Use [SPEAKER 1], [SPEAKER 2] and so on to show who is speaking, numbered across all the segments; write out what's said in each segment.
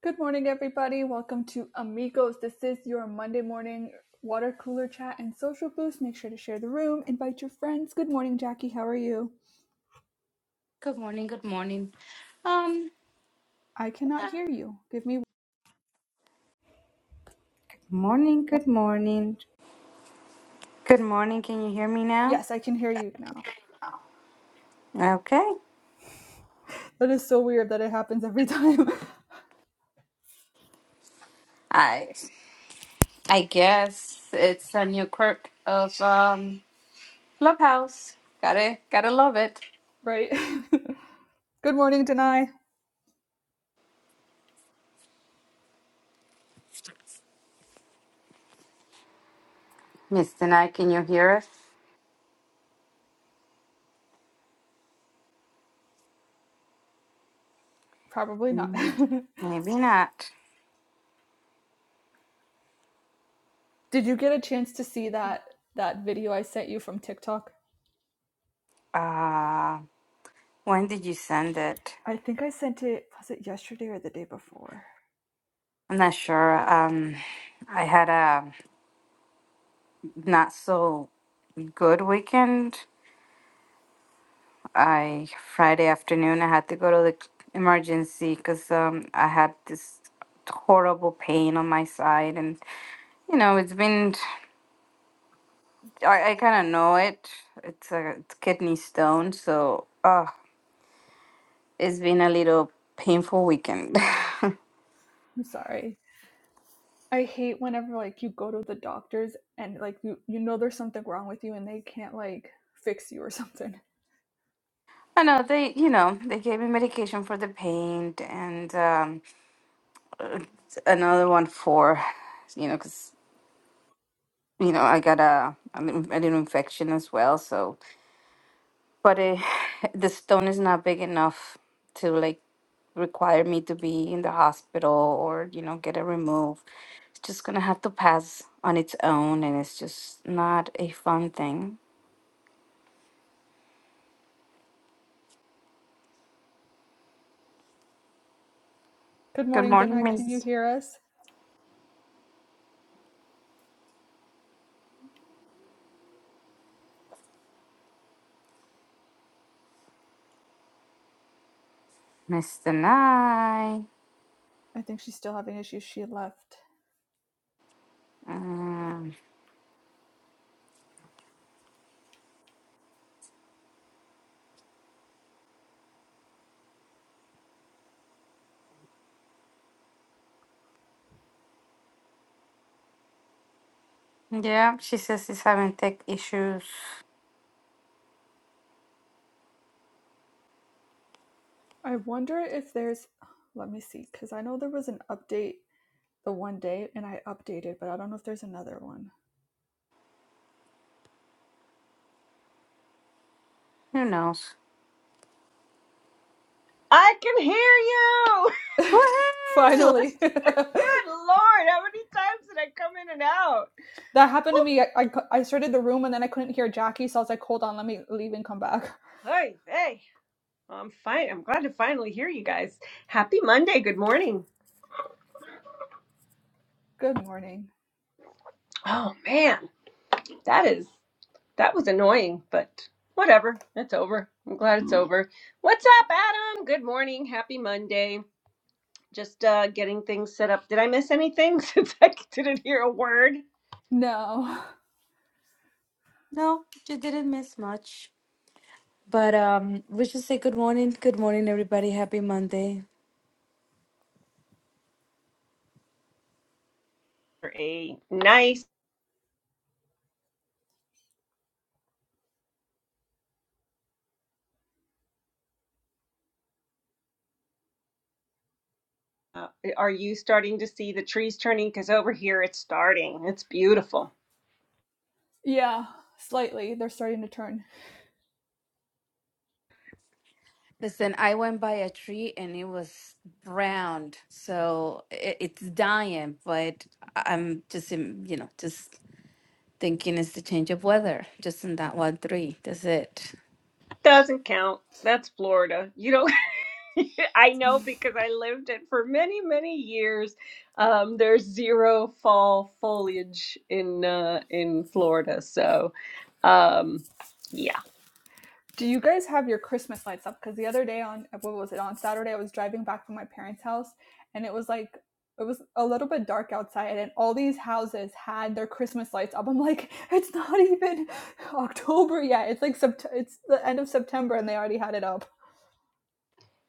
[SPEAKER 1] Good morning, everybody. Welcome to Amigos. This is your Monday morning water cooler chat and social boost. Make sure to share the room, invite your friends. Good morning, Jackie. How are you?
[SPEAKER 2] Good morning, good morning. Um,
[SPEAKER 1] I cannot
[SPEAKER 2] uh,
[SPEAKER 1] hear you. Give me.
[SPEAKER 2] Morning, good morning. good morning. Can you hear me now?
[SPEAKER 1] Yes, I can hear you now.
[SPEAKER 2] Okay.
[SPEAKER 1] That is so weird that it happens every time,
[SPEAKER 2] I I guess it's a new quirk of um Clubhouse. Gotta gotta love it.
[SPEAKER 1] right? Good morning, Denai.
[SPEAKER 2] Mister Knight. can you hear us?
[SPEAKER 1] Probably not.
[SPEAKER 2] Mm, Maybe not.
[SPEAKER 1] Did you get a chance to see that that video I sent you from TikTok?
[SPEAKER 2] Uh when did you send it?
[SPEAKER 1] I think I sent it was it yesterday or the day before?
[SPEAKER 2] I'm not sure. Um I had a not so good weekend. I Friday afternoon I had to go to the emergency because um I had this horrible pain on my side and you know it's been I, I kind of know it it's a it's kidney stone so uh it's been a little painful weekend.
[SPEAKER 1] I'm sorry. I hate whenever like you go to the doctors and like you you know there's something wrong with you and they can't like fix you or something.
[SPEAKER 2] I know they you know they gave me medication for the pain and um another one for you know because you know I got a an in- an infection as well so but eh, the stone is not big enough to like require me to be in the hospital or you know get it removed it's just gonna have to pass on its own and it's just not a fun thing
[SPEAKER 1] Good
[SPEAKER 2] good
[SPEAKER 1] morning,
[SPEAKER 2] morning
[SPEAKER 1] Dana. Can you
[SPEAKER 2] miss
[SPEAKER 1] hear us?
[SPEAKER 2] mr nye
[SPEAKER 1] I think she's still having issues. She left.
[SPEAKER 2] um, yeah she says she's having tech issues
[SPEAKER 1] I wonder if there's let me see cuz I know there was an update the one day and I updated, but I don't know if there's another one.
[SPEAKER 2] who knows
[SPEAKER 3] I can hear you.
[SPEAKER 2] Woohoo!
[SPEAKER 1] Finally. that
[SPEAKER 3] Good Lord, how many times did I come in and out?
[SPEAKER 1] happened to
[SPEAKER 3] Whew.
[SPEAKER 1] me. I, I I started the room and then I couldn't hear Jackie, so I was like, "Hold on, let me leave and come back."
[SPEAKER 3] Hey, hey. Well, I'm fine. I'm glad to finally hear you guys. Happy Monday. Good morning.
[SPEAKER 1] Good morning.
[SPEAKER 3] Oh man, that is that was annoying, but whatever. It's over. I'm glad it's over. What's up, Adam? Good morning. Happy Monday. Just uh getting things set up. Did I miss anything since I didn't hear a word?
[SPEAKER 1] No.
[SPEAKER 2] no you didn't miss much But um, we should say good morning. Good morning, everybody. Happy Monday.
[SPEAKER 3] A nice. Uh, are you starting to see the trees turning? Because over here it's starting. It's beautiful.
[SPEAKER 1] Yeah, slightly. They're starting to turn.
[SPEAKER 2] Listen, I went by a tree and it was browned, so it, it's dying. But I- I'm just, in, you know, just thinking it's the change of weather, just in that one tree. That's it.
[SPEAKER 3] Doesn't count. That's Florida. You know, I know because I lived it for many, many years. Um, there's zero fall foliage in uh, in Florida. So, um, yeah.
[SPEAKER 1] Do you guys have your Christmas lights up? Because the other day on what was it on Saturday, I was driving back from my parents' house, and it was like it was a little bit dark outside, and all these houses had their Christmas lights up. I'm like, it's not even October yet. It's like sept- it's the end of September, and they already had it up.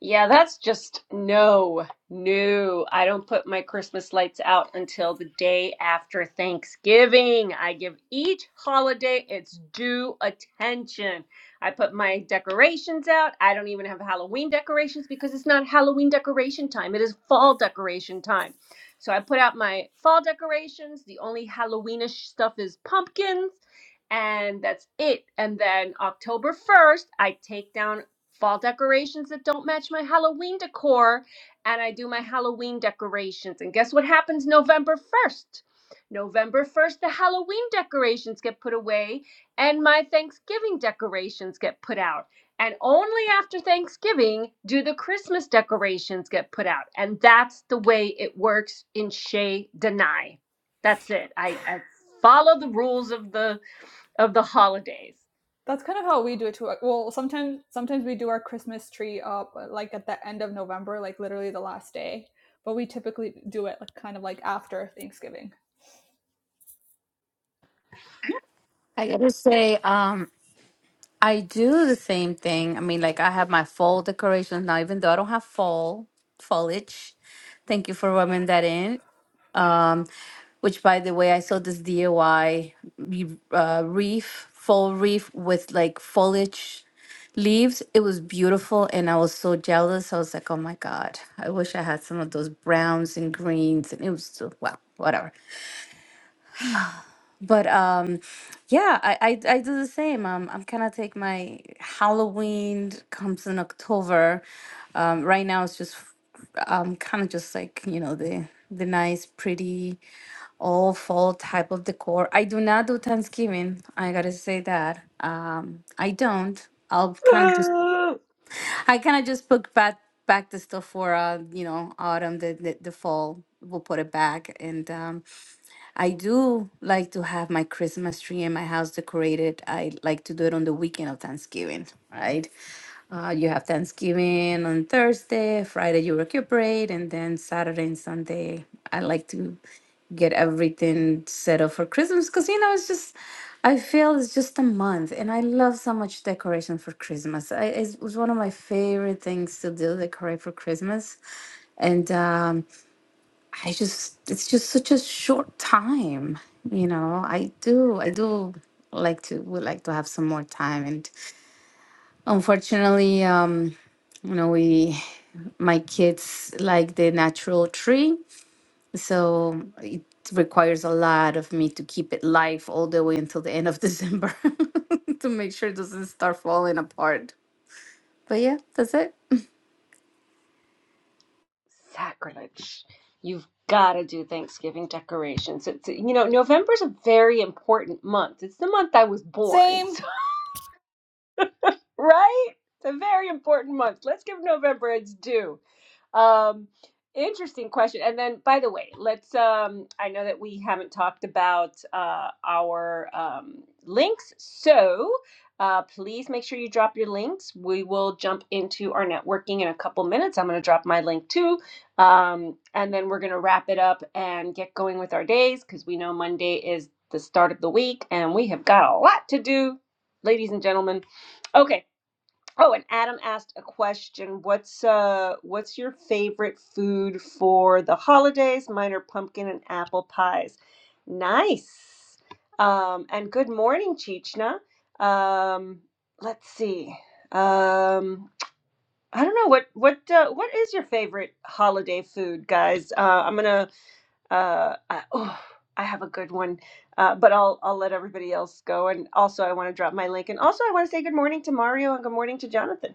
[SPEAKER 3] Yeah, that's just no, no. I don't put my Christmas lights out until the day after Thanksgiving. I give each holiday its due attention. I put my decorations out. I don't even have Halloween decorations because it's not Halloween decoration time, it is fall decoration time. So I put out my fall decorations. The only Halloweenish stuff is pumpkins. And that's it. And then October 1st, I take down fall decorations that don't match my Halloween decor, and I do my Halloween decorations. And guess what happens November 1st? November 1st, the Halloween decorations get put away, and my Thanksgiving decorations get put out. And only after Thanksgiving do the Christmas decorations get put out. And that's the way it works in Chez Denai. That's it. I, I follow the rules of the of the holidays.
[SPEAKER 1] That's kind of how we do it too. Well, sometimes sometimes we do our Christmas tree up uh, like at the end of November, like literally the last day. But we typically do it like kind of like after Thanksgiving.
[SPEAKER 2] I gotta say, um, I do the same thing. I mean, like I have my fall decorations now, even though I don't have fall foliage. Thank you for rubbing that in. which by the way, I saw this DIY re- uh, reef, fall reef with like foliage leaves. It was beautiful and I was so jealous. I was like, oh my God, I wish I had some of those browns and greens. And it was so, well, whatever. But um, yeah, I, I I do the same. Um, I'm kind of take my Halloween comes in October. Um, right now it's just um kind of just like you know the the nice pretty all fall type of decor. I do not do Thanksgiving. I gotta say that. Um, I don't. I'll kind of just I kind of just put back back the stuff for uh you know autumn the the, the fall. We'll put it back and um I do like to have my Christmas tree in my house decorated. I like to do it on the weekend of Thanksgiving, right? Uh, you have Thanksgiving on Thursday, Friday you recuperate, and then Saturday and Sunday I like to get everything set up for Christmas because you know it's just I feel it's just a month, and I love so much decoration for Christmas. I, it was one of my favorite things to do, decorate for Christmas, and um, I just, it's just such a short time, you know. I do, I do like to, would like to have some more time. And unfortunately, um, you know, we, my kids like the natural tree. So it requires a lot of me to keep it live all the way until the end of December to make sure it doesn't start falling apart. But yeah, that's it.
[SPEAKER 3] Sacrilege. You've got to do Thanksgiving decorations. It's, you know, November's a very important month. It's the month I was born,
[SPEAKER 1] Same.
[SPEAKER 3] so- right? It's a very important month. Let's give November its due. Um, interesting question. And then, by the way, let's. Um, I know that we haven't talked about uh, our um, links, so uh, please make sure you drop your links. We will jump into our networking in a couple minutes. I'm going to drop my link too, um, and then we're going to wrap it up and get going with our days because we know Monday is the start of the week, and we have got a lot to do, ladies and gentlemen. Okay. Oh, and Adam asked a question. What's uh what's your favorite food for the holidays? Mine are pumpkin and apple pies. Nice. Um, and good morning, Chichna. Um, let's see. Um, I don't know what what uh, what is your favorite holiday food, guys? Uh, I'm gonna uh, I, oh, I have a good one, uh, but I'll I'll let everybody else go. And also, I want to drop my link. And also, I want to say good morning to Mario and good morning to Jonathan.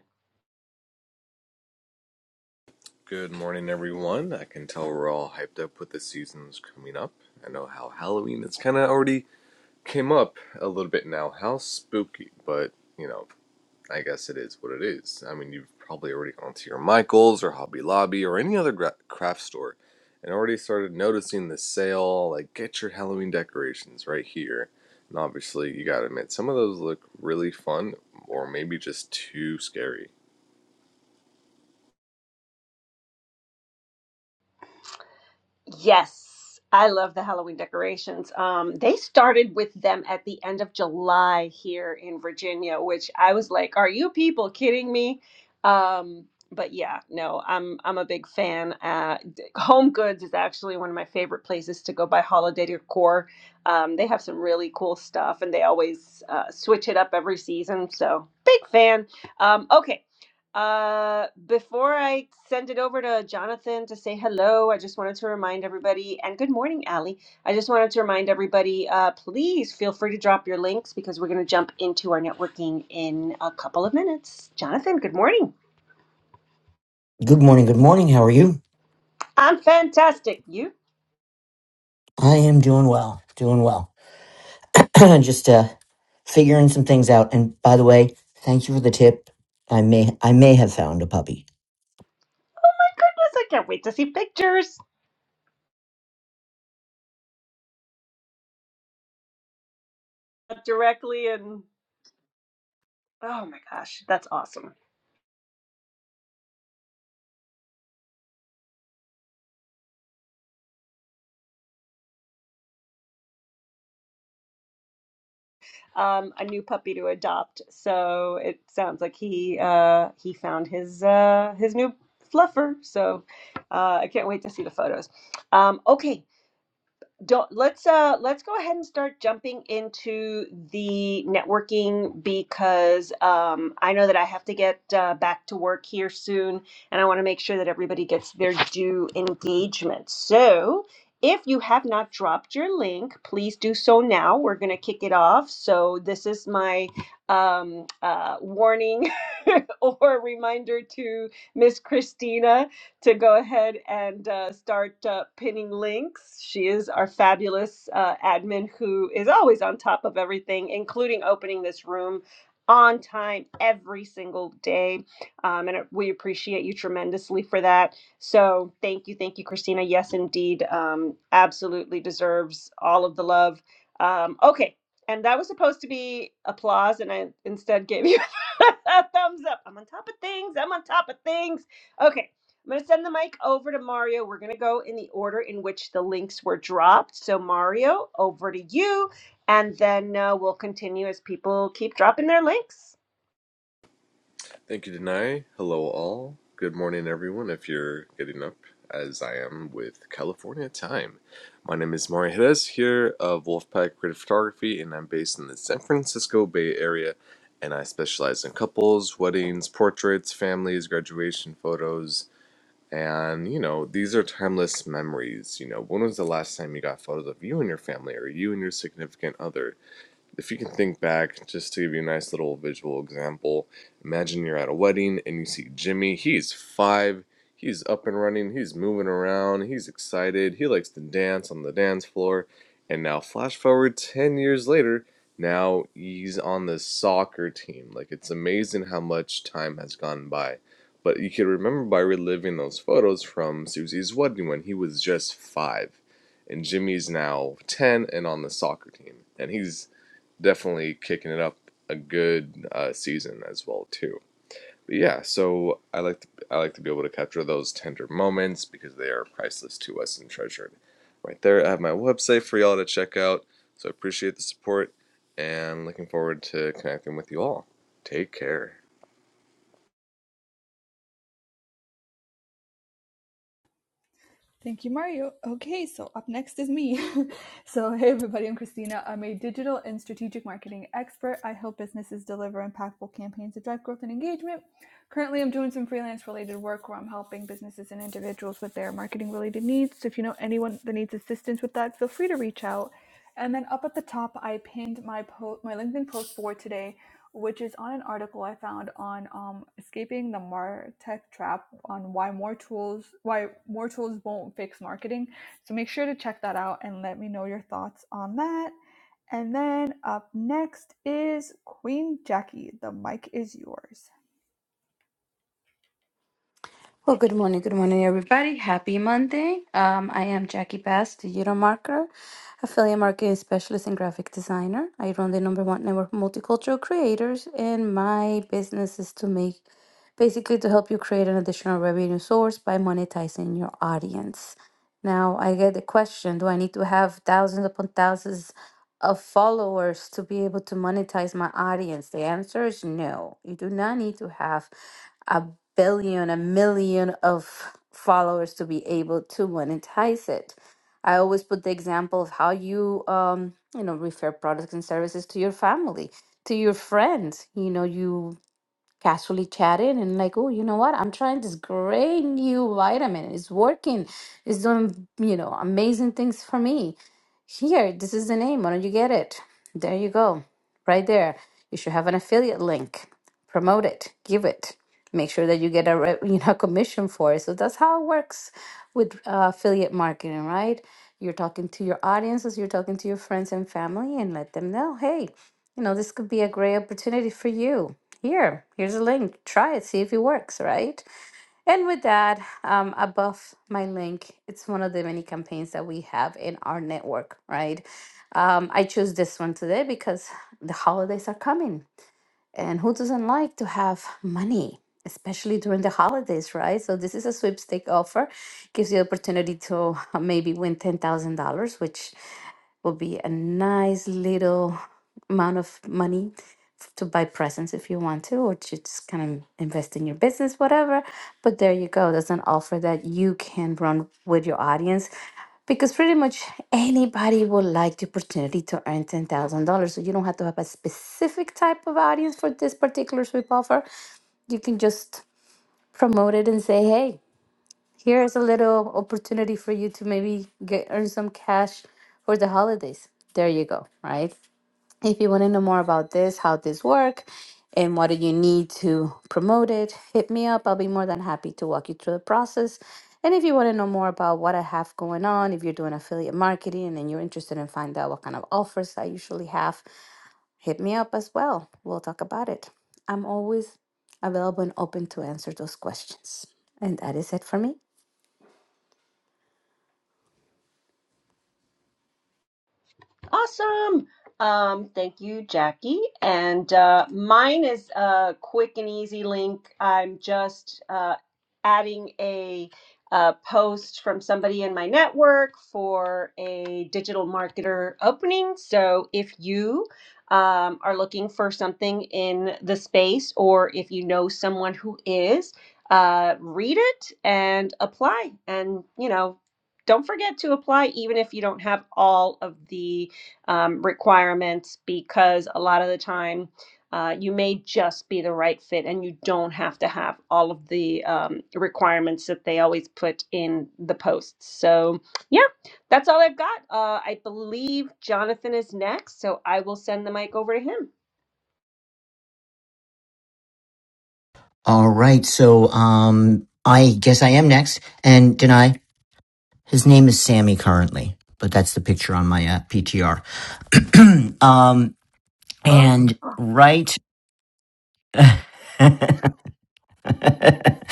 [SPEAKER 4] Good morning, everyone. I can tell we're all hyped up with the seasons coming up. I know how Halloween it's kind of already came up a little bit now. How spooky, but you know, I guess it is what it is. I mean, you've probably already gone to your Michaels or Hobby Lobby or any other gra- craft store and already started noticing the sale. Like, get your Halloween decorations right here. And obviously, you gotta admit, some of those look really fun or maybe just too scary.
[SPEAKER 3] Yes, I love the Halloween decorations. Um, they started with them at the end of July here in Virginia, which I was like, "Are you people kidding me?" Um, but yeah, no, I'm I'm a big fan. Uh, d- Home Goods is actually one of my favorite places to go buy holiday decor. Um, they have some really cool stuff, and they always uh, switch it up every season. So big fan. Um, okay, uh, before I send it over to Jonathan to say hello, I just wanted to remind everybody, and good morning, Allie. I just wanted to remind everybody, uh, please feel free to drop your links because we're going to jump into our networking in a couple of minutes. Jonathan, good morning.
[SPEAKER 5] Good morning. Good morning. How are you?
[SPEAKER 3] I'm fantastic. You?
[SPEAKER 5] I am doing well. Doing well. Just uh figuring some things out. And by the way, thank you for the tip. I may I may have found a puppy.
[SPEAKER 3] Goodness, I can't wait to see pictures directly. And oh my gosh, that's awesome. um, a new puppy to adopt. So it sounds like he uh, he found his uh, his new fluffer. So uh, I can't wait to see the photos. Um, okay, don't let's uh let's go ahead and start jumping into the networking because um I know that I have to get uh, back to work here soon and I want to make sure that everybody gets their due engagement. So, if you have not dropped your link, please do so now. We're going to kick it off. So, this is my um uh warning or reminder to Miss Christina to go ahead and uh, start uh, pinning links. She is our fabulous uh, admin who is always on top of everything, including opening this room on time every single day. Um, and it- we appreciate you tremendously for that. So thank you, thank you, Christina. Yes, indeed. Um, absolutely deserves all of the love. Um, okay. And that was supposed to be applause, and I instead gave you a thumbs up. I'm on top of things. I'm on top of things. Okay. I'm going to send the mic over to Mario. We're going to go in the order in which the links were dropped. So, Mario, over to you. And then uh, we'll continue as people keep dropping their links.
[SPEAKER 4] Thank you, Denai. Hello, all. Good morning, everyone, if you're getting up as I am with California time. My name is Mario Jerez here of Wolfpack Creative Photography, and I'm based in the San Francisco Bay Area. And I specialize in couples, weddings, portraits, families, graduation photos. And, you know, these are timeless memories. You know, when was the last time you got photos of you and your family or you and your significant other? If you can think back, just to give you a nice little visual example, imagine you're at a wedding and you see Jimmy. He's five, he's up and running, he's moving around, he's excited, he likes to dance on the dance floor. And now, flash forward 10 years later, now he's on the soccer team. Like, it's amazing how much time has gone by. But you can remember by reliving those photos from Susie's wedding when he was just five and Jimmy's now 10 and on the soccer team. And he's definitely kicking it up a good uh, season as well too. But yeah, so I like to, I like to be able to capture those tender moments because they are priceless to us and treasured. Right there, I have my website for y'all to check out. So I appreciate the support and looking forward to connecting with you all. Take care.
[SPEAKER 1] Thank you, Mario. Okay, so up next is me. so, hey everybody, I'm Christina. I'm a digital and strategic marketing expert. I help businesses deliver impactful campaigns to drive growth and engagement. Currently, I'm doing some freelance related work where I'm helping businesses and individuals with their marketing related needs. So, if you know anyone that needs assistance with that, feel free to reach out. And then up at the top, I pinned my po- my LinkedIn post for today which is on an article I found on um, escaping the martech trap on why more tools why more tools won't fix marketing. So make sure to check that out and let me know your thoughts on that. And then up next is Queen Jackie. The mic is yours.
[SPEAKER 2] Well, good morning, good morning, everybody. Happy Monday. Um, I am Jackie Bass, the Euro Marketer, affiliate marketing specialist and graphic designer. I run the number one network of multicultural creators, and my business is to make basically to help you create an additional revenue source by monetizing your audience. Now, I get the question do I need to have thousands upon thousands of followers to be able to monetize my audience? The answer is no. You do not need to have a billion, a million of followers to be able to monetize it. I always put the example of how you, um, you know, refer products and services to your family, to your friends. You know, you casually chat in and like, oh, you know what? I'm trying this great new vitamin. It's working. It's doing, you know, amazing things for me here, this is the name. Why don't you get it? There you go. Right there. You should have an affiliate link. Promote it. Give it. Make sure that you get a re- you know commission for it. So that's how it works with uh, affiliate marketing, right? You're talking to your audiences, you're talking to your friends and family, and let them know, hey, you know, this could be a great opportunity for you. Here, here's a link. Try it. See if it works, right? And with that, um, above my link, it's one of the many campaigns that we have in our network, right? Um, I chose this one today because the holidays are coming. And who doesn't like to have money, especially during the holidays, right? So this is a sweepstake offer, gives you opportunity to uh, maybe win $10,000, which will be a nice little amount of money f- to buy presents if you want to, or to just kind of invest in your business, whatever. But there you go. That's an offer that you can run with your audience because pretty much anybody will like the opportunity to earn $10,000. So you don't have to have a specific type of audience for this particular sweep offer. You can just promote it and say, hey, here's a little opportunity for you to maybe get earn some cash for the holidays. There you go, right? If you want to know more about this, how this work, and what do you need to promote it, hit me up. I'll be more than happy to walk you through the process. And if you want to know more about what I have going on, if you're doing affiliate marketing and you're interested in find out what kind of offers I usually have, hit me up as well. We'll talk about it. I'm always available and open to answer those questions. And that is it for me.
[SPEAKER 3] Awesome. Um, thank you, Jackie. And uh, mine is a quick and easy link. I'm just uh, adding a, uh post from somebody in my network for a digital marketer opening. So if you um, are looking for something in the space, or if you know someone who is, uh, read it and apply. And, you know, don't forget to apply even if you don't have all of the um, requirements because a lot of the time uh, you may just be the right fit and you don't have to have all of the um, requirements that they always put in the posts. So, yeah, that's all I've got. Uh, I believe Jonathan is next, so I will send the mic over to him.
[SPEAKER 5] All right. So um I guess I am next. And Denai, his name is Sammy currently, but that's the picture on my uh, PTR. um
[SPEAKER 3] Oh,
[SPEAKER 5] and right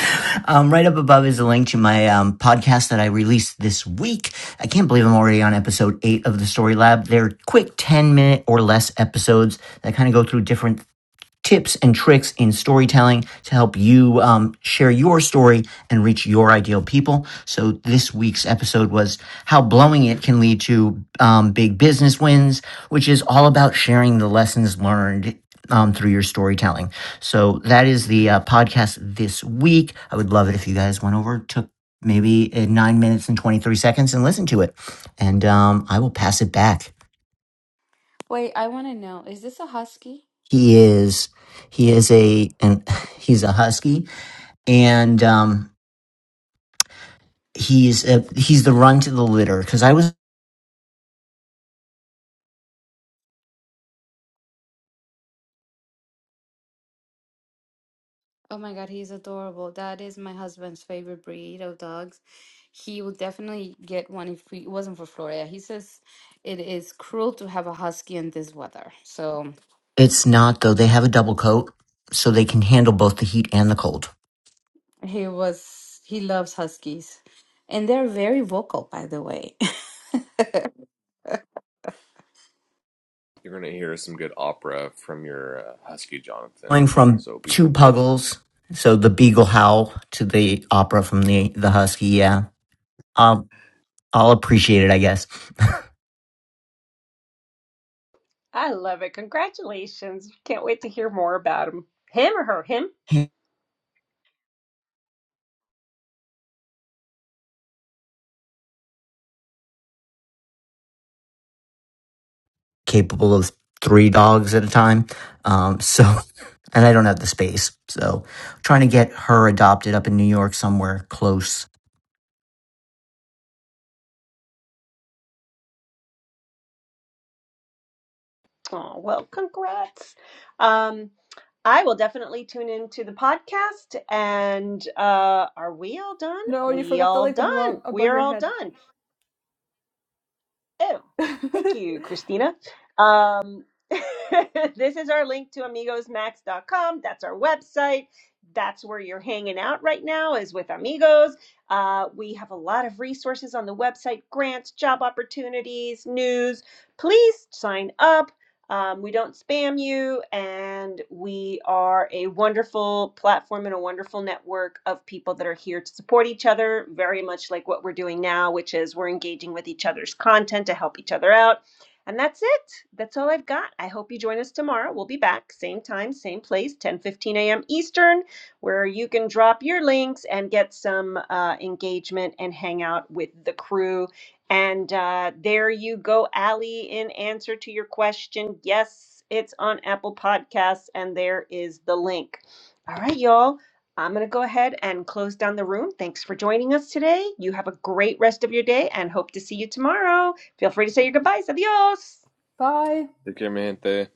[SPEAKER 5] um, right up above is a link to my um, podcast that I released this week. I can't believe I'm already on episode eight of the Story Lab. They're quick 10 minute or less episodes that kind of go through different tips and tricks in storytelling to help you um, share your story and reach your ideal people. So this week's episode was how blowing it can lead to um, big business wins, which is all about sharing the lessons learned. Um, through your storytelling. So that is the uh, podcast this week. I would love it if you guys went over, took maybe uh, nine minutes and 23 seconds and listened to it. And um, I will pass it back.
[SPEAKER 2] Wait, I want to know, is this a husky?
[SPEAKER 5] He is, he is a, and
[SPEAKER 2] Oh
[SPEAKER 5] he's a husky and um, he's uh he's the run to the litter because I was.
[SPEAKER 2] Oh my God, he's adorable. That is my husband's favorite breed of dogs. He would definitely get one if we, it wasn't for Florida. He says it is cruel to have a husky in this weather. So
[SPEAKER 5] It's not though. They have a double coat, so they can handle both the heat and the cold.
[SPEAKER 2] he was, he loves huskies. And they're very vocal, by the way.
[SPEAKER 4] You're gonna hear some good opera from your uh, husky Jonathan,
[SPEAKER 5] Going from
[SPEAKER 4] so be
[SPEAKER 5] two
[SPEAKER 4] prepared.
[SPEAKER 5] puggles, so the beagle howl to the opera from the the husky. Yeah, um, I'll appreciate it. I guess
[SPEAKER 3] I love it. Congratulations. Can't wait to hear more about him. Him or her? Him?
[SPEAKER 5] capable of three dogs at a time. Um, so and I don't have the space, so trying to get her adopted up in New York somewhere close
[SPEAKER 3] Oh, well, congrats. Um, I will definitely tune into the podcast. And uh, are we all done?
[SPEAKER 1] No, you
[SPEAKER 3] We
[SPEAKER 1] forgot the
[SPEAKER 3] all
[SPEAKER 1] link above
[SPEAKER 3] done. We
[SPEAKER 1] above
[SPEAKER 3] are
[SPEAKER 1] your
[SPEAKER 3] all
[SPEAKER 1] head.
[SPEAKER 3] done. Oh, thank you, Christina. Um, this is our link to amigos max dot Com. That's our website. That's where you're hanging out right now, is with Amigos. Uh, we have a lot of resources on the website grants, job opportunities, news. Please sign up um, we don't spam you, and we are a wonderful platform and a wonderful network of people that are here to support each other, very much like what we're doing now, which is we're engaging with each other's content to help each other out. And that's it. That's all I've got. I hope you join us tomorrow. We'll be back, same time, same place, 10:15 a.m. Eastern, where you can drop your links and get some uh, engagement and hang out with the crew and uh, there you go, Allie, in answer to your question. Yes, it's on Apple Podcasts, and there is the link. All right, y'all. I'm going to go ahead and close down the room. Thanks for joining us today. You have a great rest of your day and hope to see you tomorrow. Feel free to say your goodbyes. Adios.
[SPEAKER 1] Bye.
[SPEAKER 4] Take care, mi gente.